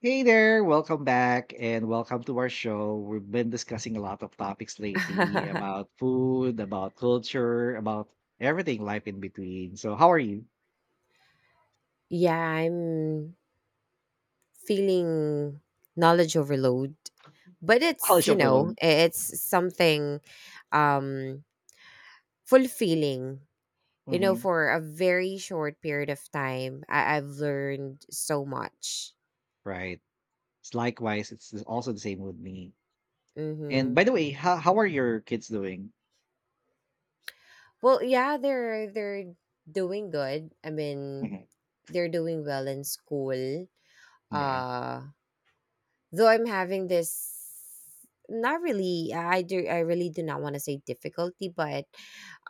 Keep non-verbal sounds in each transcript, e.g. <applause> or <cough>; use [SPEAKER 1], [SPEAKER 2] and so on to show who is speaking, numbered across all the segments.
[SPEAKER 1] Hey there, welcome back and welcome to our show. We've been discussing a lot of topics lately
[SPEAKER 2] <laughs>
[SPEAKER 1] about food, about culture, about everything life in between. So, how are you?
[SPEAKER 2] Yeah, I'm feeling knowledge overload, but
[SPEAKER 1] College overload.
[SPEAKER 2] it's something um fulfilling. You know,
[SPEAKER 1] Hmm.
[SPEAKER 2] for a very short period of time, I've learned so much.
[SPEAKER 1] Right. It's likewise, also the same with me. And
[SPEAKER 2] Mm-hmm.
[SPEAKER 1] by the way, how are your kids doing?
[SPEAKER 2] Well, yeah, they're doing good. I mean,
[SPEAKER 1] Hmm.
[SPEAKER 2] they're doing well in school.
[SPEAKER 1] Yeah.
[SPEAKER 2] Uh Though I'm having this not really I do I really do not want to say difficulty, but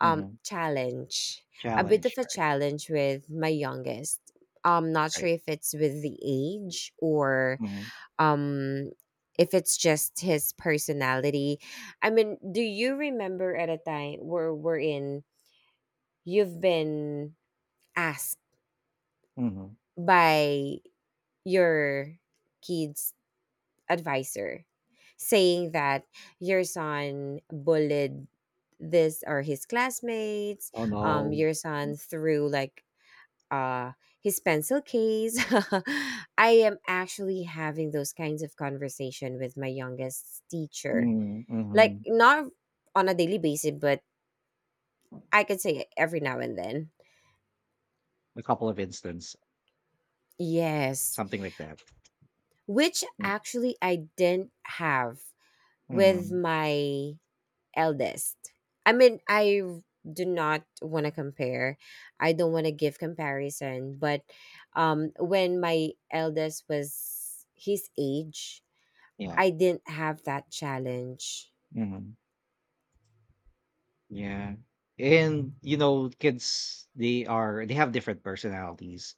[SPEAKER 2] challenge. A bit of
[SPEAKER 1] Challenge,
[SPEAKER 2] a
[SPEAKER 1] right?
[SPEAKER 2] challenge with my youngest. I'm not sure
[SPEAKER 1] Right.
[SPEAKER 2] if it's with the age or
[SPEAKER 1] Hmm.
[SPEAKER 2] um if it's just his personality. I mean, do you remember at a time where we're in you've been asked
[SPEAKER 1] Hmm.
[SPEAKER 2] by your kids advisor saying that your son bullied this or his classmates,
[SPEAKER 1] Oh no.
[SPEAKER 2] your son threw like uh his pencil case? <laughs> I am actually having those kinds of conversation with my youngest teacher,
[SPEAKER 1] Mm-hmm.
[SPEAKER 2] like
[SPEAKER 1] Mm-hmm.
[SPEAKER 2] not on a daily basis, but I could say every now and then.
[SPEAKER 1] A couple of instances,
[SPEAKER 2] Yes,
[SPEAKER 1] something like that.
[SPEAKER 2] which
[SPEAKER 1] Mm-hmm.
[SPEAKER 2] actually I didn't have with
[SPEAKER 1] Mm-hmm.
[SPEAKER 2] my eldest. I mean, I do not want to compare. I don't want to give comparison, but when my eldest was his age,
[SPEAKER 1] Yeah.
[SPEAKER 2] I didn't have that challenge.
[SPEAKER 1] Mhm. Yeah. And you know, kids, they have different personalities,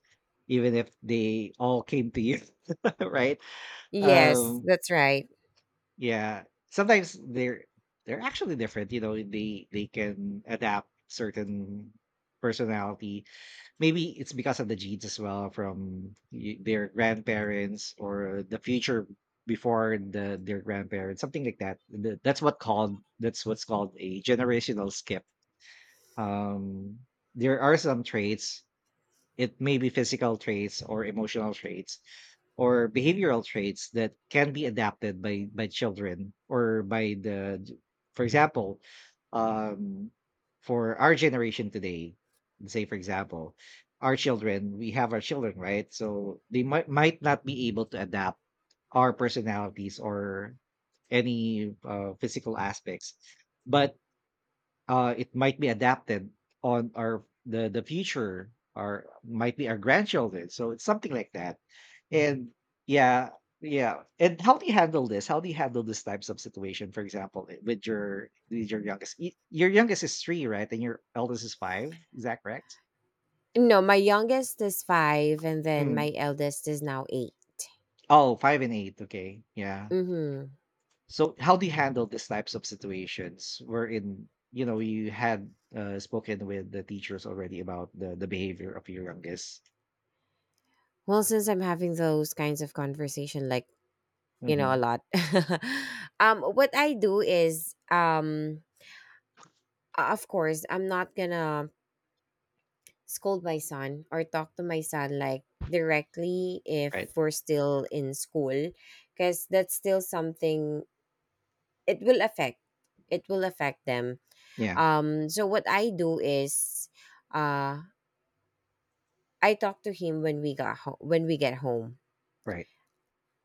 [SPEAKER 1] even if they all came to you, <laughs> right?
[SPEAKER 2] Yes,
[SPEAKER 1] Um,
[SPEAKER 2] that's right.
[SPEAKER 1] yeah. Sometimes they're actually different, you know, they can adapt certain personality. Maybe it's because of the genes as well from their grandparents, or the future before their grandparents, something like that. That's what's called a generational skip. um there are some traits, it may be physical traits or emotional traits or behavioral traits that can be adapted by children, or by the for example, um for our generation today, say for example, our children, we have our children, right? So they might not be able to adapt our personalities or any physical aspects, but it might be adapted on our the future, or might be our grandchildren. So it's something like that. And yeah, yeah, and how do you handle this, how do you handle these types of situation? For example, with your youngest. Your youngest is three, right? And your eldest is five, is that correct?
[SPEAKER 2] No, my youngest is 5 and then
[SPEAKER 1] Hmm.
[SPEAKER 2] my eldest is now 8.
[SPEAKER 1] Oh, five and eight, okay, yeah.
[SPEAKER 2] Mhm.
[SPEAKER 1] So how do you handle these types of situations wherein, you had spoken with the teachers already about the behavior of your youngest?
[SPEAKER 2] Well, since I'm having those kinds of conversation, a
[SPEAKER 1] Mhm.
[SPEAKER 2] lot. <laughs> What I do is, of course, I'm not going to scold my son or talk to my son like directly if
[SPEAKER 1] Right.
[SPEAKER 2] we're still in school, because that's still something, it will affect it will affect them.
[SPEAKER 1] Yeah.
[SPEAKER 2] So what I do is, uh I talk to him when we get home,
[SPEAKER 1] Right.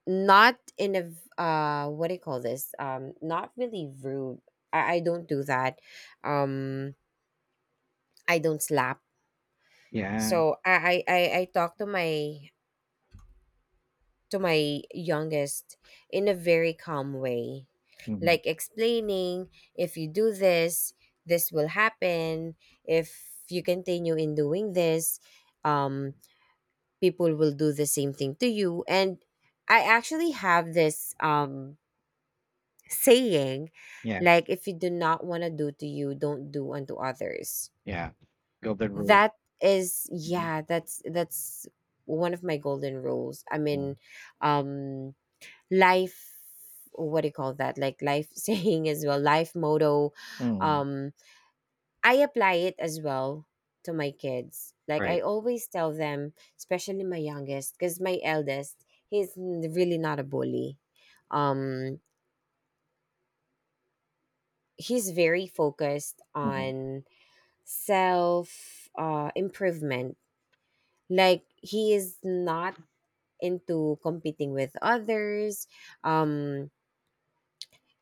[SPEAKER 2] not in a what do you call this, not really rude, I don't do that. um I don't slap.
[SPEAKER 1] Yeah.
[SPEAKER 2] So I talk to my youngest in a very calm way,
[SPEAKER 1] Mhm.
[SPEAKER 2] like explaining, if you do this, this will happen. If you continue in doing this, um people will do the same thing to you. And I actually have this saying,
[SPEAKER 1] Yeah.
[SPEAKER 2] like if you do not want to do to you, don't do unto others.
[SPEAKER 1] Yeah. Golden rule.
[SPEAKER 2] That is
[SPEAKER 1] Mhm.
[SPEAKER 2] yeah That's one of my golden rules. I
[SPEAKER 1] Mm.
[SPEAKER 2] mean, um life, what do you call that, like life <laughs> saying as well, life motto.
[SPEAKER 1] Mm.
[SPEAKER 2] um I apply it as well to my kids, like I
[SPEAKER 1] Right.
[SPEAKER 2] always tell them, especially my youngest, because my eldest, really not a bully. um he's very focused
[SPEAKER 1] Mhm.
[SPEAKER 2] on self improvement. Like he is not into competing with others. um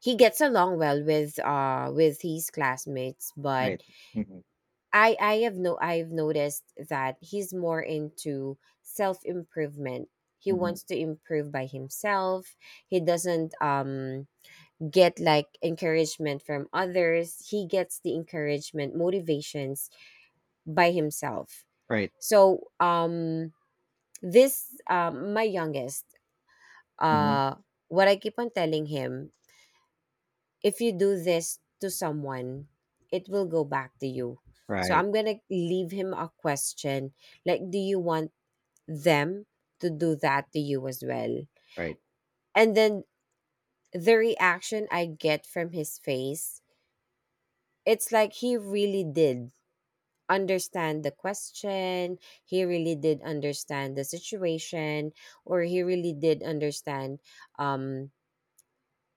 [SPEAKER 2] he gets along well with his classmates,
[SPEAKER 1] Right.
[SPEAKER 2] but
[SPEAKER 1] Mhm.
[SPEAKER 2] I have no I've noticed that he's more into self improvement. He
[SPEAKER 1] Mhm.
[SPEAKER 2] wants to improve by himself. He doesn't get like encouragement from others. He gets the encouragement, motivations by himself.
[SPEAKER 1] Right.
[SPEAKER 2] So this, my youngest,
[SPEAKER 1] Mhm.
[SPEAKER 2] uh what I keep on telling him, if you do this to someone, it will go back to you. So
[SPEAKER 1] Right.
[SPEAKER 2] I'm going to leave him a question, like, do you want them to do that to you as well?
[SPEAKER 1] Right.
[SPEAKER 2] And then the reaction I get from his face, it's like he really did understand the question, he really did understand the situation, or he really did understand, um,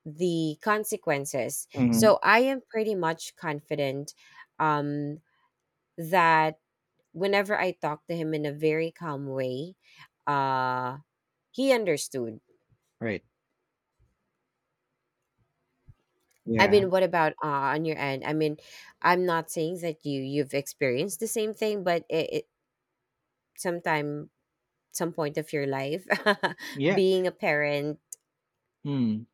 [SPEAKER 2] the consequences.
[SPEAKER 1] Mhm.
[SPEAKER 2] So I am pretty much confident um that whenever I talked to him in a very calm way, uh, he understood.
[SPEAKER 1] Right.
[SPEAKER 2] I
[SPEAKER 1] Yeah.
[SPEAKER 2] mean, what about on your end? I mean, I'm not saying that you've experienced the same thing, but it sometime, some point of your life, <laughs>
[SPEAKER 1] Yeah.
[SPEAKER 2] being a parent.
[SPEAKER 1] Mm.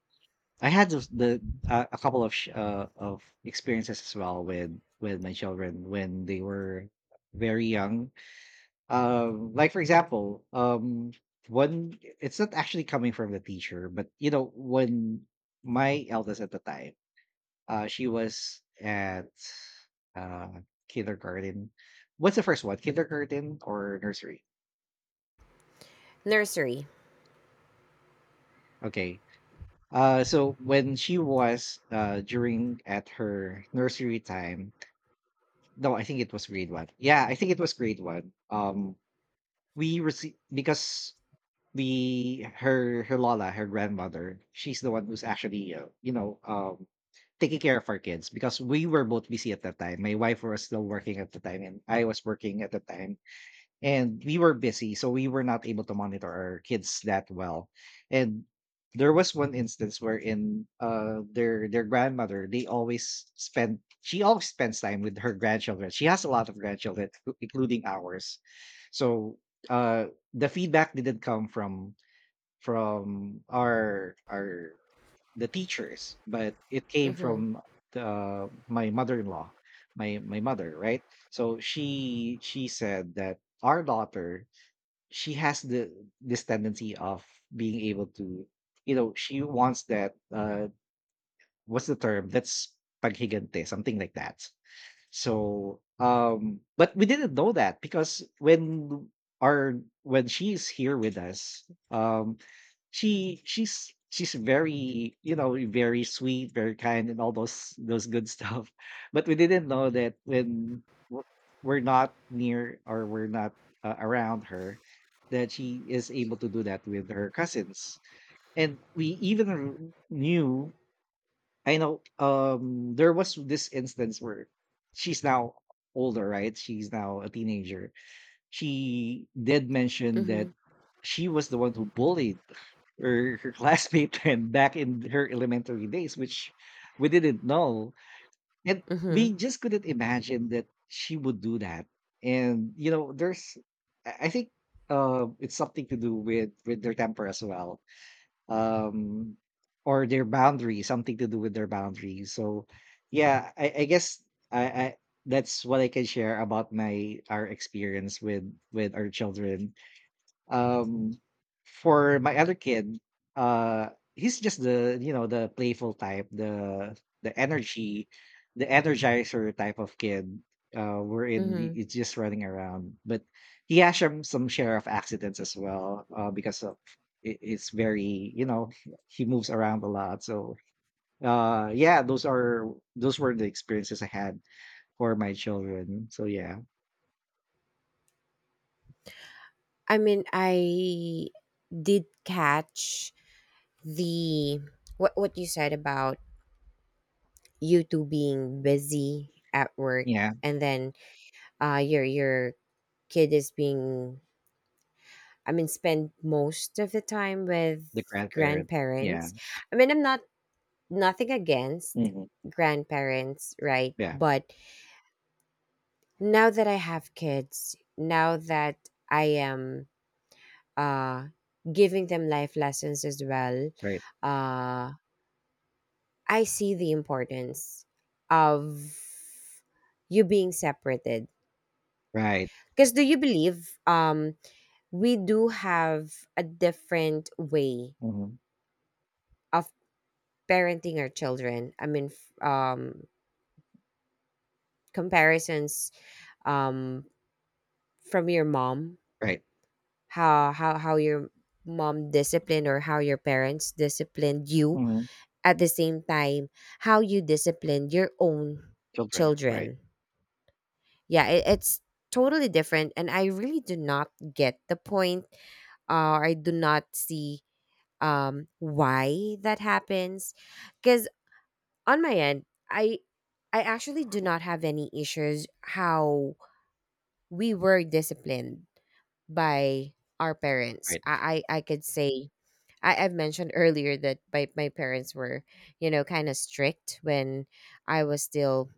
[SPEAKER 1] I had those, the a couple of experiences as well with my children when they were very young. Like for example, one, it's not actually coming from the teacher, but you know, when my eldest at the time, she was at uh, kindergarten. What's the first one? Kindergarten or nursery?
[SPEAKER 2] Nursery.
[SPEAKER 1] Okay. So when she was during at her nursery time, no, I think it was grade one. Yeah, I think it was grade one. We received because, the her lola, her grandmother, she's the one who's actually, taking care of our kids because we were both busy at that time. My wife was still working at the time, and I was working at the time, and we were busy, so we were not able to monitor our kids that well. And there was one instance wherein their grandmother, they always spend she always spends time with her grandchildren. She has a lot of grandchildren, including ours. So the feedback didn't come from, our the teachers, but it came
[SPEAKER 2] Mm-hmm.
[SPEAKER 1] from my mother-in-law, my mother, right? So she said that our daughter, she has the this tendency of being able to, you know, she wants that, what's the term? That's paghigante, something like that. So, but we didn't know that because our when she's here with us, um, she she's very, very sweet, very kind, and all those good stuff. <laughs> But we didn't know that when w- we're not near, or we're not around her, that she is able to do that with her cousins. And we even knew. I know, there was this instance where she's now older, right? She's now a teenager. She did mention
[SPEAKER 2] Mm-hmm.
[SPEAKER 1] that she was the one who bullied her classmate <laughs> friend back in her elementary days, which we didn't know. And
[SPEAKER 2] Mm-hmm.
[SPEAKER 1] we just couldn't imagine that she would do that. And there's I think it's something to do with their temper as well, um or their boundaries, something to do with their boundaries. So yeah, I guess, I that's what I can share about my our experience with our children. um, for my other kid, uh, he's just, the you know, the playful type, the energy, the energizer type of kid.
[SPEAKER 2] Mm-hmm.
[SPEAKER 1] It's just running around, but he has some share of accidents as well, because of, it's very, he moves around a lot. So yeah, those were the experiences I had for my children. So yeah,
[SPEAKER 2] I mean, I did catch the what you said about you two being busy at work,
[SPEAKER 1] yeah,
[SPEAKER 2] and then your kid is being, I mean, spend most of the time
[SPEAKER 1] the
[SPEAKER 2] with
[SPEAKER 1] grandparent. Yeah.
[SPEAKER 2] grandparents. I mean, I'm not nothing against
[SPEAKER 1] Hmm.
[SPEAKER 2] grandparents, right?
[SPEAKER 1] Yeah,
[SPEAKER 2] But now that I have kids, now that I am uh giving them life lessons as well,
[SPEAKER 1] right,
[SPEAKER 2] uh I see the importance of you being separated.
[SPEAKER 1] right.
[SPEAKER 2] Because do you believe, we do have a different way
[SPEAKER 1] Mhm.
[SPEAKER 2] of parenting our children? I mean, comparisons, um, from your mom,
[SPEAKER 1] Right.
[SPEAKER 2] how your mom disciplined, or how your parents disciplined you,
[SPEAKER 1] Mhm.
[SPEAKER 2] at the same time, how you disciplined your own
[SPEAKER 1] Children. Right,
[SPEAKER 2] children. Yeah, it's totally different and I really do not get the point, or I do not see why that happens. Because on my end, i I actually do not have any issues how we were disciplined by our parents.
[SPEAKER 1] right,
[SPEAKER 2] I could say I, I've mentioned earlier that my parents were, you know, kind of strict when I was still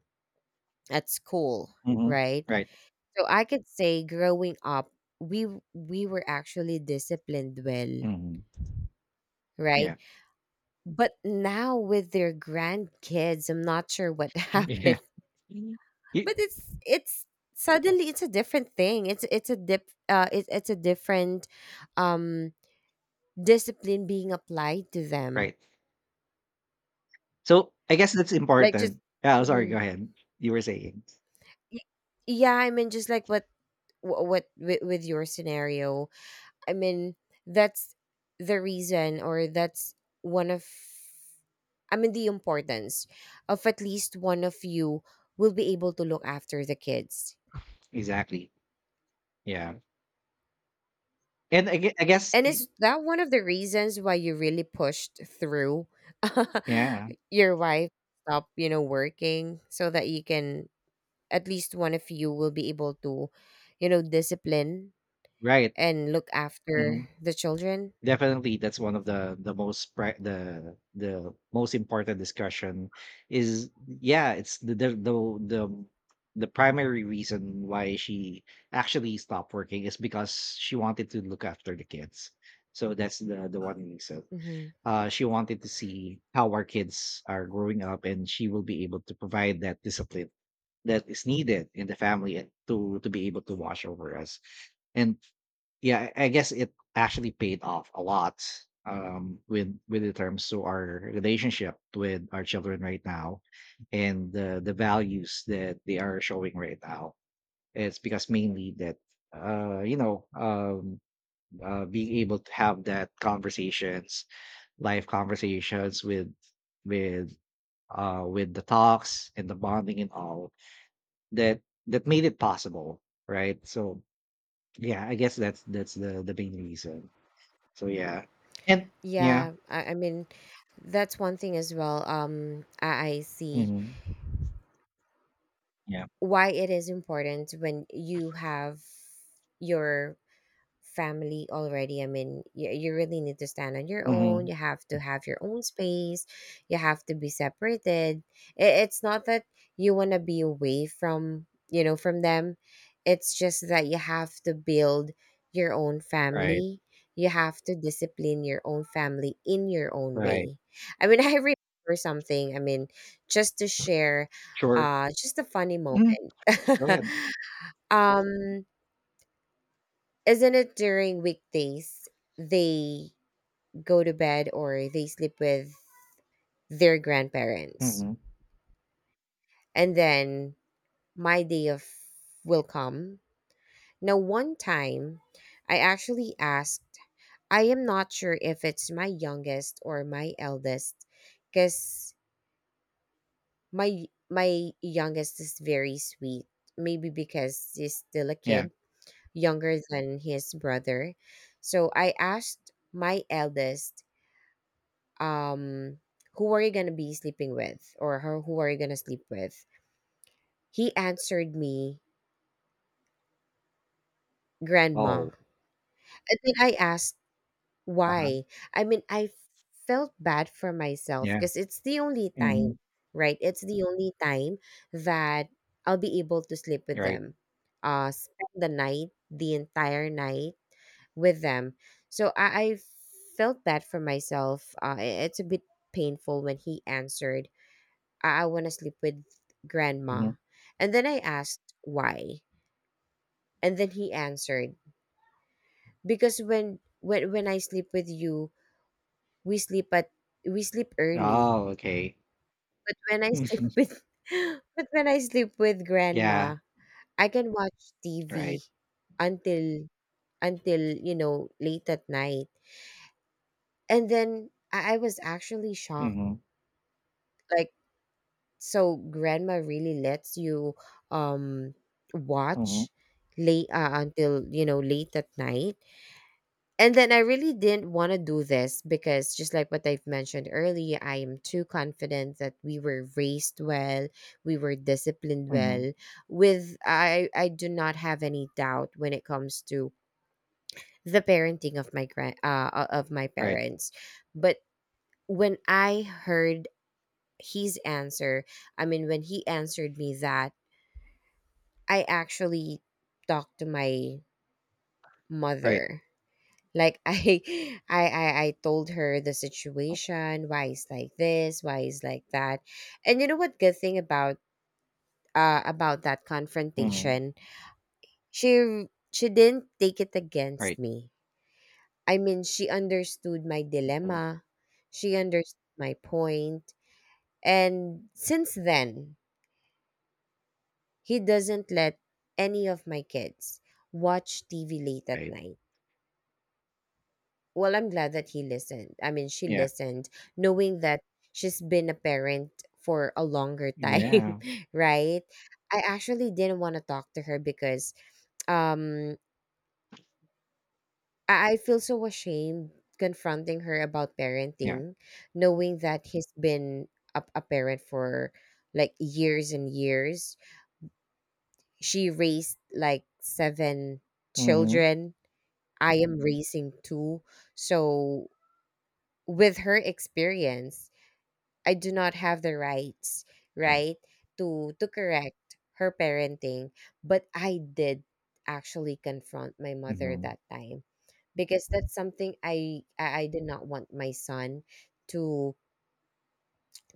[SPEAKER 2] at school,
[SPEAKER 1] Mhm.
[SPEAKER 2] right?
[SPEAKER 1] Right.
[SPEAKER 2] So I could say growing up, we were actually disciplined well,
[SPEAKER 1] Mhm.
[SPEAKER 2] right?
[SPEAKER 1] Yeah.
[SPEAKER 2] But now with their grandkids, I'm not sure what <laughs>
[SPEAKER 1] <laughs> Mm. Yeah.
[SPEAKER 2] happened.
[SPEAKER 1] Mhm. Ye
[SPEAKER 2] But it's suddenly, it's a different thing. It's a different um discipline being applied to them.
[SPEAKER 1] Right. So, I guess that's
[SPEAKER 2] Like just
[SPEAKER 1] important. Yeah, I'm sorry, go
[SPEAKER 2] Mhm.
[SPEAKER 1] ahead. You were saying.
[SPEAKER 2] Y- yeah, I mean just like what with your scenario. I mean, that's the reason, or that's one of, I mean, the importance of at least one of you will be able to look after the kids.
[SPEAKER 1] Exactly. Yeah. And I guess
[SPEAKER 2] And
[SPEAKER 1] y
[SPEAKER 2] is that one of the reasons why you really pushed through <laughs>
[SPEAKER 1] yeah,
[SPEAKER 2] your wife stop, you know, working so that you can at least one of you will be able to, you know, discipline
[SPEAKER 1] right.
[SPEAKER 2] and look after
[SPEAKER 1] Mhm.
[SPEAKER 2] the children?
[SPEAKER 1] Definitely, that's one of the most important discussion. Is, yeah, it's the the primary reason why she actually stopped working, is because she wanted to look after the kids. So that's the one reason.
[SPEAKER 2] Hmm.
[SPEAKER 1] She wanted to see how our kids are growing up, and she will be able to provide that discipline that is needed in the family, and to be able to watch over us. And yeah, I guess it actually paid off a lot, with the terms to our relationship with our children right now, and the values that they are showing right now. It's because mainly that, uh you know um being able to have that conversations, live conversations, with with the talks and the bonding, and all that, that made it possible, right? So yeah, I guess that's the main reason. So yeah. And yeah.
[SPEAKER 2] Yeah, I mean that's one thing as well. I see
[SPEAKER 1] Mhm. Yeah.
[SPEAKER 2] why it is important when you have your family already. I mean, you really need to stand on your own.
[SPEAKER 1] Mhm.
[SPEAKER 2] You have to have your own space. You have to be separated. It's not that you want to be away from, you know, from them. It's just that you have to build your own
[SPEAKER 1] Right.
[SPEAKER 2] family. You have to discipline your own family in your own
[SPEAKER 1] Right.
[SPEAKER 2] way. I mean, <laughs> I remember something. I mean, just to share,
[SPEAKER 1] Sure.
[SPEAKER 2] just a funny moment.
[SPEAKER 1] Mhm. Go ahead.
[SPEAKER 2] <laughs> um, isn't it during weekdays they go to bed or they sleep with their grandparents?
[SPEAKER 1] Mhm.
[SPEAKER 2] And then my day of will come. Now one time I actually asked, I am not sure if it's my youngest or my eldest, because my youngest is very sweet. Maybe because he's still a
[SPEAKER 1] Yeah.
[SPEAKER 2] kid, younger than his brother. So I asked my eldest, um, who are you going to be sleeping with, or her, who are you going to sleep with? He answered me, grandma.
[SPEAKER 1] Oh.
[SPEAKER 2] And then I asked
[SPEAKER 1] Uh-huh.
[SPEAKER 2] why. I mean, I felt bad for myself
[SPEAKER 1] Yeah.
[SPEAKER 2] because it's the only time,
[SPEAKER 1] Mhm.
[SPEAKER 2] right? It's the only time that I'll be able to sleep with
[SPEAKER 1] You're right.
[SPEAKER 2] them, spend the night, the entire night with them. So I felt bad for myself. It's a bit painful when he answered, I want to sleep with
[SPEAKER 1] Mhm.
[SPEAKER 2] grandma. And then I asked why. And then he answered, because when I sleep with you, we sleep at we sleep early.
[SPEAKER 1] Oh, okay.
[SPEAKER 2] But when I sleep
[SPEAKER 1] Mhm. <laughs>
[SPEAKER 2] <laughs> with but when I sleep with
[SPEAKER 1] Yeah.
[SPEAKER 2] grandma, I can watch TV
[SPEAKER 1] Right.
[SPEAKER 2] until you know, late at night. And then I was actually shocked.
[SPEAKER 1] Mhm.
[SPEAKER 2] Like, so grandma really lets you um
[SPEAKER 1] Mhm.
[SPEAKER 2] watch late, until you know late at night? And then I really didn't want to do this because just like what I've mentioned earlier, I am too confident that we were raised well, we were disciplined
[SPEAKER 1] Mhm.
[SPEAKER 2] well. With I do not have any doubt when it comes to the parenting of my grand of my
[SPEAKER 1] Right.
[SPEAKER 2] parents. But when I heard his answer, I mean when he answered me that, I actually talked to my
[SPEAKER 1] Right.
[SPEAKER 2] mother. Like, <laughs> I told her the situation, why it's like this, why it's like that, and you know what? Good thing about that
[SPEAKER 1] Mhm.
[SPEAKER 2] confrontation, she she didn't take it against
[SPEAKER 1] Right.
[SPEAKER 2] me. I mean, she understood my
[SPEAKER 1] Mhm.
[SPEAKER 2] dilemma, she understood my point, and since then, he doesn't let any of my kids watch TV late at
[SPEAKER 1] Right.
[SPEAKER 2] night. Well, I'm glad that he listened, I mean she
[SPEAKER 1] Yeah.
[SPEAKER 2] listened, knowing that she's been a parent for a longer time.
[SPEAKER 1] Yeah.
[SPEAKER 2] <laughs> Right, I actually didn't want to talk to her because um I feel so ashamed confronting her about
[SPEAKER 1] Yeah.
[SPEAKER 2] parenting, knowing that he's been a parent for like years and years. She raised like 7
[SPEAKER 1] Mhm.
[SPEAKER 2] children, I am raising 2. So with her experience, I do not have the rights,
[SPEAKER 1] Yeah.
[SPEAKER 2] right, to correct her parenting, but I did actually confront my mother
[SPEAKER 1] Mhm.
[SPEAKER 2] that time, because that's something I did not want my son to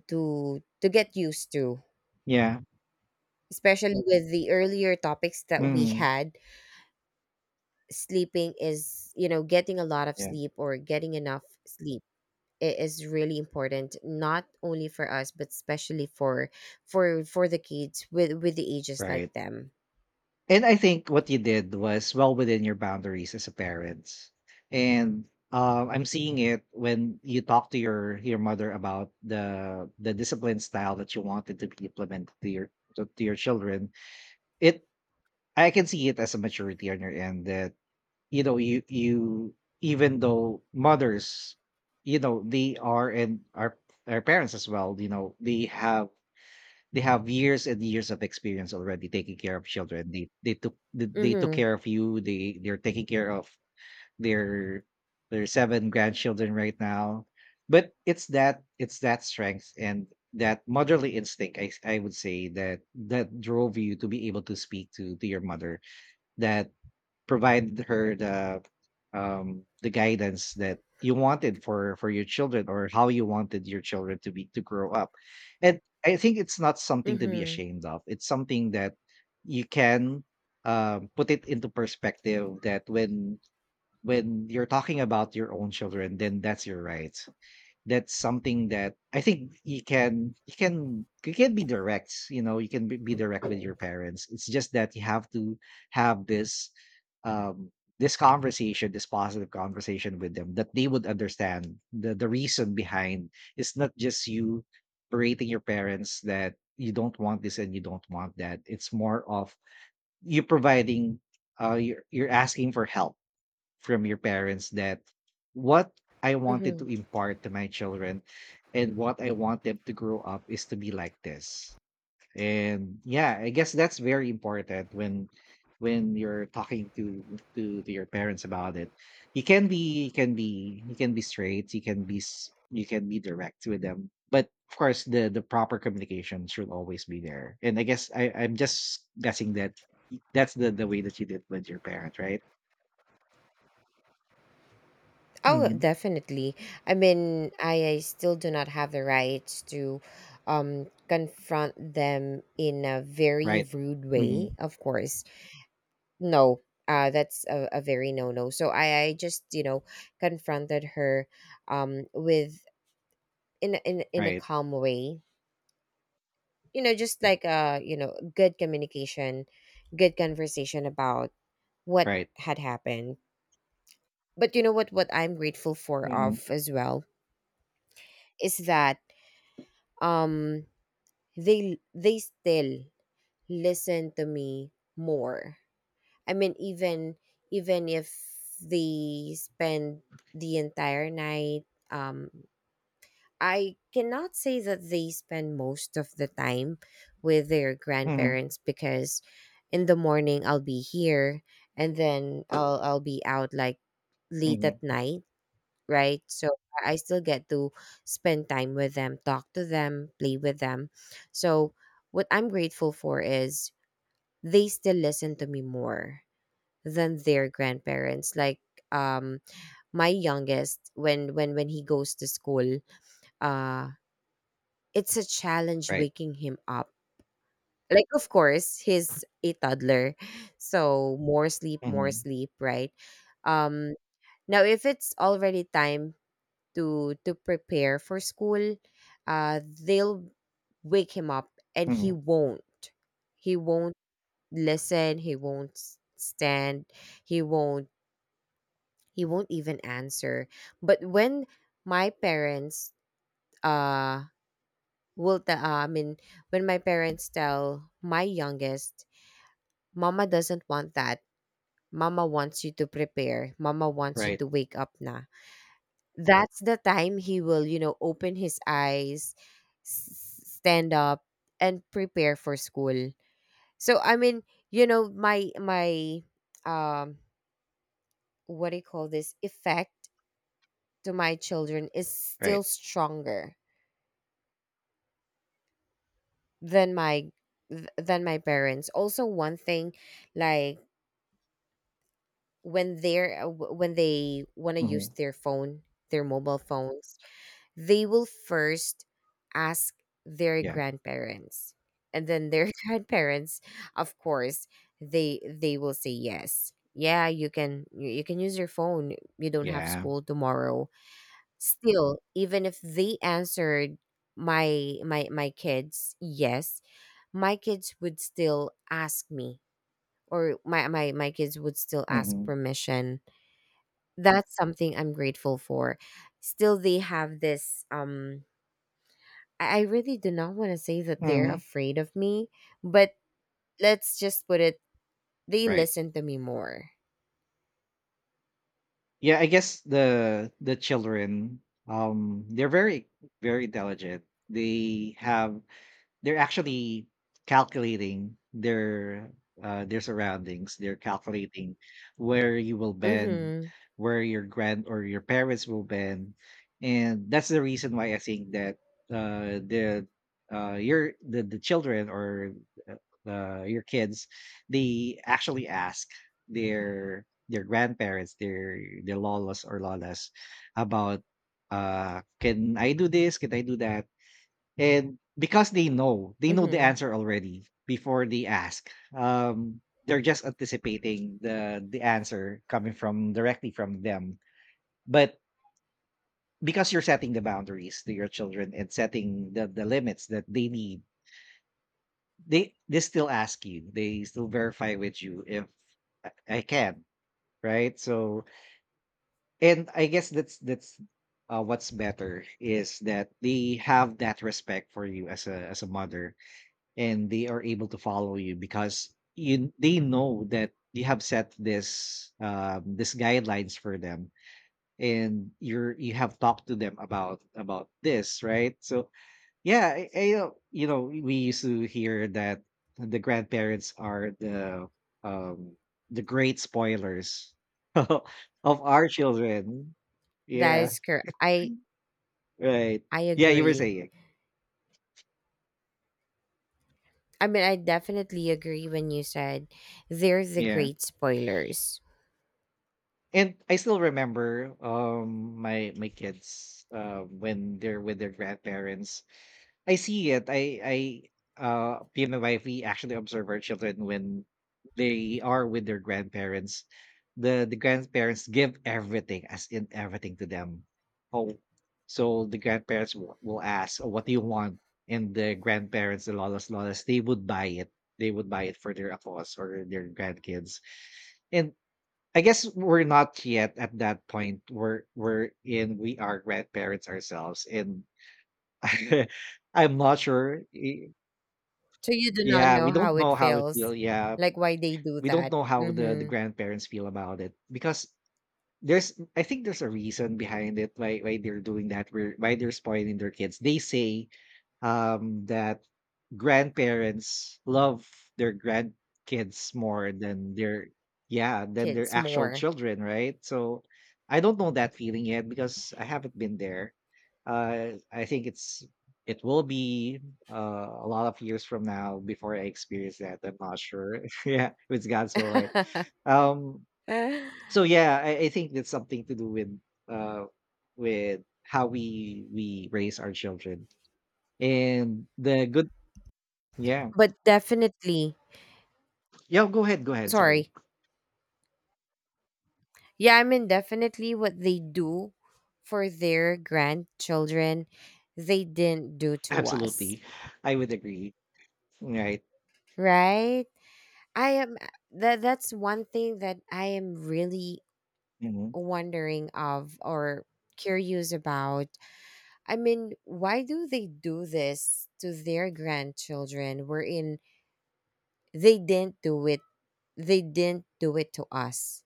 [SPEAKER 2] to get used to,
[SPEAKER 1] Yeah.
[SPEAKER 2] especially with the earlier topics that we
[SPEAKER 1] Mhm.
[SPEAKER 2] had. Sleeping is, you know, getting a lot of
[SPEAKER 1] Yeah.
[SPEAKER 2] sleep or getting enough sleep, it is really important not only for us but especially for for the kids with the ages like
[SPEAKER 1] Right.
[SPEAKER 2] them.
[SPEAKER 1] And I think what you did was well within your boundaries as a parent. And I'm seeing it when you talk to your mother about the discipline style that you wanted to be implemented to your children. It I can see it as a maturity on your end that you, you, even though mothers, you know, they are and are are parents as well, you know, they have years and years of experience already taking care of children. They took
[SPEAKER 2] Mm-hmm.
[SPEAKER 1] care of you. They're taking care of their their seven grandchildren right now. But it's that, it's that strength and that motherly instinct. I would say that that drove you to be able to speak to your mother. That. Provide her the guidance that you wanted for your children, or how you wanted your children to grow up. And I think it's not something to be
[SPEAKER 2] Mm-hmm.
[SPEAKER 1] ashamed of. It's something that you can put it into perspective, that when you're talking about your own children, then that's your right. That's something that I think you can be direct. You know, you can be direct with your parents. It's just that you have to have this, um this conversation, this positive conversation with them, that they would understand the reason behind. It's not just you berating your parents that you don't want this and you don't want that. It's more of you providing, you're asking for help from your parents, that what I wanted
[SPEAKER 2] Mm-hmm.
[SPEAKER 1] to impart to my children and what I want them to grow up is to be like this. And yeah, I guess that's very important when you're talking to your parents about it. You can be you can be you can be straight, you can be direct with them. But of course the proper communication should always be there. And I guess I'm just guessing that that's the way that you did with your parents, right?
[SPEAKER 2] Oh definitely. I still do not have the rights to confront them in a very
[SPEAKER 1] Right.
[SPEAKER 2] rude way,
[SPEAKER 1] Mhm.
[SPEAKER 2] of course. No, that's a very no no. So I just, you know, confronted her, with, in a
[SPEAKER 1] Right.
[SPEAKER 2] calm way, you know, just like, you know, good communication, good conversation about what
[SPEAKER 1] Right.
[SPEAKER 2] had happened. But you know what I'm grateful for
[SPEAKER 1] Mhm.
[SPEAKER 2] of as well is that, um they still listen to me more. I mean, even if they spend the entire night, um I cannot say that they spend most of the time with their
[SPEAKER 1] Mhm.
[SPEAKER 2] grandparents because in the morning I'll be here and then I'll be out like late at
[SPEAKER 1] Mhm.
[SPEAKER 2] night, right? So I still get to spend time with them, talk to them, play with them. So what I'm grateful for is they still listen to me more than their grandparents. Like, um my youngest, when when he goes to school, uh it's a challenge
[SPEAKER 1] Right.
[SPEAKER 2] waking him up. Like, of course, he's a toddler, so more
[SPEAKER 1] Mhm.
[SPEAKER 2] sleep, right? Um, now, if it's already time to prepare for school, they'll wake him up, and he
[SPEAKER 1] Mhm.
[SPEAKER 2] won't. He won't listen. He won't s- stand. He won't. He won't even answer. But when my parents uh will tell I mean when my parents tell my youngest, mama doesn't want that, mama wants you to prepare, mama wants you
[SPEAKER 1] Right.
[SPEAKER 2] to wake up now, that's the time he will, you know, open his eyes, stand up and prepare for school. So I mean, you know, my, um what do you call this, effect to my children is
[SPEAKER 1] Right.
[SPEAKER 2] still stronger than my, than my parents. Also one thing, like when they're when they want to use
[SPEAKER 1] Mhm.
[SPEAKER 2] their phone, their mobile phones, they will first ask their
[SPEAKER 1] Yeah.
[SPEAKER 2] grandparents, and then their <laughs> grandparents, of course, they will say yes, yeah, you can, you can use your phone, you don't have
[SPEAKER 1] Yeah.
[SPEAKER 2] school tomorrow. Still, even if they answered my kids yes, my kids would still ask me, or my kids would still ask
[SPEAKER 1] Mhm.
[SPEAKER 2] permission. That's something I'm grateful for. Still, they have this. I really do not want to say that they're
[SPEAKER 1] Mhm.
[SPEAKER 2] afraid of me, but let's just put it, they
[SPEAKER 1] Right.
[SPEAKER 2] listen to me more.
[SPEAKER 1] Yeah, I guess the children, they're very, very intelligent. They have They're actually calculating their surroundings. They're calculating where you will bend,
[SPEAKER 2] Mm-hmm.
[SPEAKER 1] where your grand or your parents will bend, and that's the reason why I think that uh, the the children or uh, your kids, they actually ask their grandparents, their lolas or lolas, about, can I do this? Can I do that? And because they know the
[SPEAKER 2] Mm-hmm.
[SPEAKER 1] answer already before they ask. Um, they're just anticipating the answer coming from directly from them. But because you're setting the boundaries to your children and setting the limits that they need, they still ask you. They still verify with you if I I can, right? So and I guess that's what's better is that they have that respect for you as a mother and they are able to follow you because you they know that you have set this guidelines for them and you have talked to them about this, right? So yeah, I we used to hear that the grandparents are um the great spoilers <laughs> of our children,
[SPEAKER 2] That
[SPEAKER 1] yeah,
[SPEAKER 2] is correct.
[SPEAKER 1] right.
[SPEAKER 2] I
[SPEAKER 1] Yeah, you were
[SPEAKER 2] agree.
[SPEAKER 1] saying.
[SPEAKER 2] I mean, I definitely agree when you said they're the
[SPEAKER 1] Yeah.
[SPEAKER 2] great spoilers.
[SPEAKER 1] And I still remember my kids when they're with their grandparents. I see it. I Me and my wife, we actually observe our children when they are with their grandparents. The grandparents give everything, as in everything, to them. Oh, so the grandparents will ask, oh, what do you want? And the grandparents, the lolas, they would buy it. They would buy it for their akos or their grandkids. And I guess we're not yet at that point where we are grandparents ourselves, and <laughs> I'm not sure.
[SPEAKER 2] So you do not
[SPEAKER 1] Yeah, we
[SPEAKER 2] know
[SPEAKER 1] don't
[SPEAKER 2] how it
[SPEAKER 1] know how it feel.
[SPEAKER 2] feels,
[SPEAKER 1] Yeah.
[SPEAKER 2] like why they do
[SPEAKER 1] We don't
[SPEAKER 2] that.
[SPEAKER 1] know how the
[SPEAKER 2] Mm-hmm.
[SPEAKER 1] grandparents feel about it because there's, I think there's a reason behind it, why they're doing that, where why they're spoiling their kids. They say that grandparents love their grandkids more than their, yeah, than their
[SPEAKER 2] Kids
[SPEAKER 1] actual
[SPEAKER 2] more.
[SPEAKER 1] children, right? So I don't know that feeling yet because I haven't been there. I think it's, it will be a lot of years from now before I experience that. I'm not sure. <laughs> Yeah, if it's God's will, right? Um,
[SPEAKER 2] <laughs> But
[SPEAKER 1] so yeah, I think it's something to do uh with how we raise our children and the good, yeah.
[SPEAKER 2] definitely,
[SPEAKER 1] Yeah, go ahead, go ahead, sorry.
[SPEAKER 2] sorry, yeah, I mean, definitely what they do for their grandchildren, they didn't do
[SPEAKER 1] <laughs>
[SPEAKER 2] to us,
[SPEAKER 1] Absolutely, I would agree, right.
[SPEAKER 2] right? I am, that's one thing that I am really
[SPEAKER 1] Mhm.
[SPEAKER 2] wondering of, or curious about. I mean, why do they do this to their grandchildren wherein they didn't do it, to us?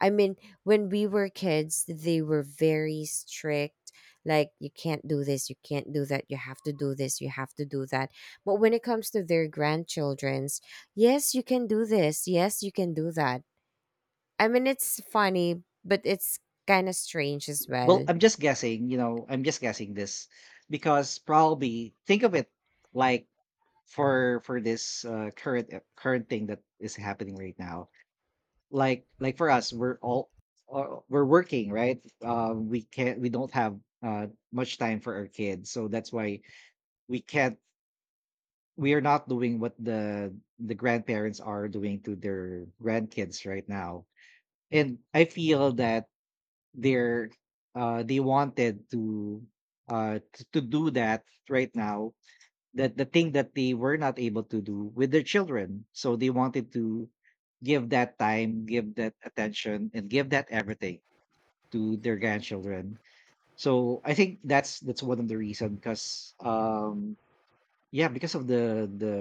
[SPEAKER 2] I mean, when we were kids, they were very strict. Like, you can't do this, you can't do that, you have to do this, you have to do that. But when it comes to their grandchildren's, yes, you can do this, yes, you can do that. I mean, it's funny, but it's kind of strange as
[SPEAKER 1] Well,
[SPEAKER 2] well.
[SPEAKER 1] I'm just guessing, you know, I'm just guessing this because probably think of it like, for this current thing that is happening right now, like for us, we're all, we're working, right? We can't, we don't have much time for our kids, so that's why we can't, we are not doing what the grandparents are doing to their grandkids right now. And I feel that they're, they wanted to, to do that right now, that the thing that they were not able to do with their children. So they wanted to give that time, give that attention, and give that everything to their grandchildren. So I think that's one of the reason because yeah, because of the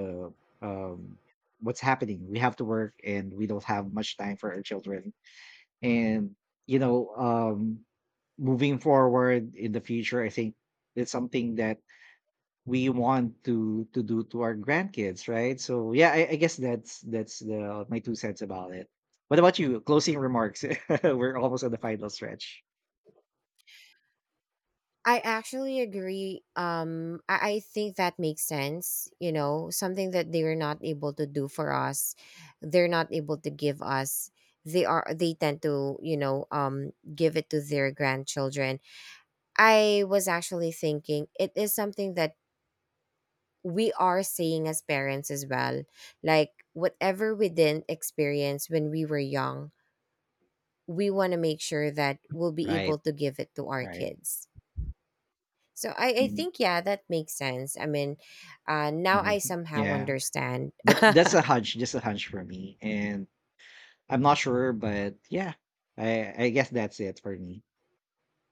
[SPEAKER 1] um what's happening. We have to work and we don't have much time for our children. And you know, moving forward in the future, I think it's something that we want to do to our grandkids, right? So yeah, I guess that's the my two cents about it. What about you? Closing remarks. <laughs> We're almost at the final stretch.
[SPEAKER 2] I actually agree. I think that makes sense. You know, something that they were not able to do for us, they're not able to give us. They are. They tend to, you know, give it to their grandchildren. I was actually thinking it is something that we are saying as parents as well. Like whatever we didn't experience when we were young, we want to make sure that we'll be able
[SPEAKER 1] Right.
[SPEAKER 2] to give it to our
[SPEAKER 1] Right.
[SPEAKER 2] kids. So I
[SPEAKER 1] Mhm,
[SPEAKER 2] think, yeah, that makes sense. I mean, now
[SPEAKER 1] mhm.
[SPEAKER 2] I somehow
[SPEAKER 1] Yeah.
[SPEAKER 2] understand.
[SPEAKER 1] But
[SPEAKER 2] <laughs>
[SPEAKER 1] that's a hunch, just a hunch for me. And I'm not sure, but yeah, I guess that's it for me.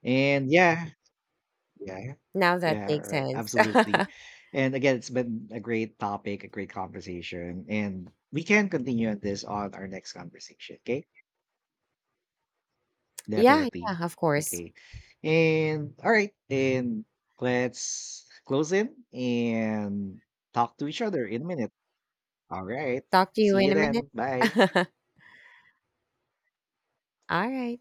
[SPEAKER 1] And yeah. Yeah.
[SPEAKER 2] Now that
[SPEAKER 1] Yeah,
[SPEAKER 2] makes
[SPEAKER 1] right.
[SPEAKER 2] sense.
[SPEAKER 1] Absolutely.
[SPEAKER 2] <laughs>
[SPEAKER 1] And again, it's been a great topic, a great conversation. And we can continue on this on our next conversation. Okay.
[SPEAKER 2] Yeah,
[SPEAKER 1] Definitely.
[SPEAKER 2] yeah, of course.
[SPEAKER 1] Okay. And all right. And let's close in and talk to each other in a minute. All right.
[SPEAKER 2] Talk to you
[SPEAKER 1] See
[SPEAKER 2] in
[SPEAKER 1] you
[SPEAKER 2] a minute.
[SPEAKER 1] then. Bye.
[SPEAKER 2] <laughs> All right.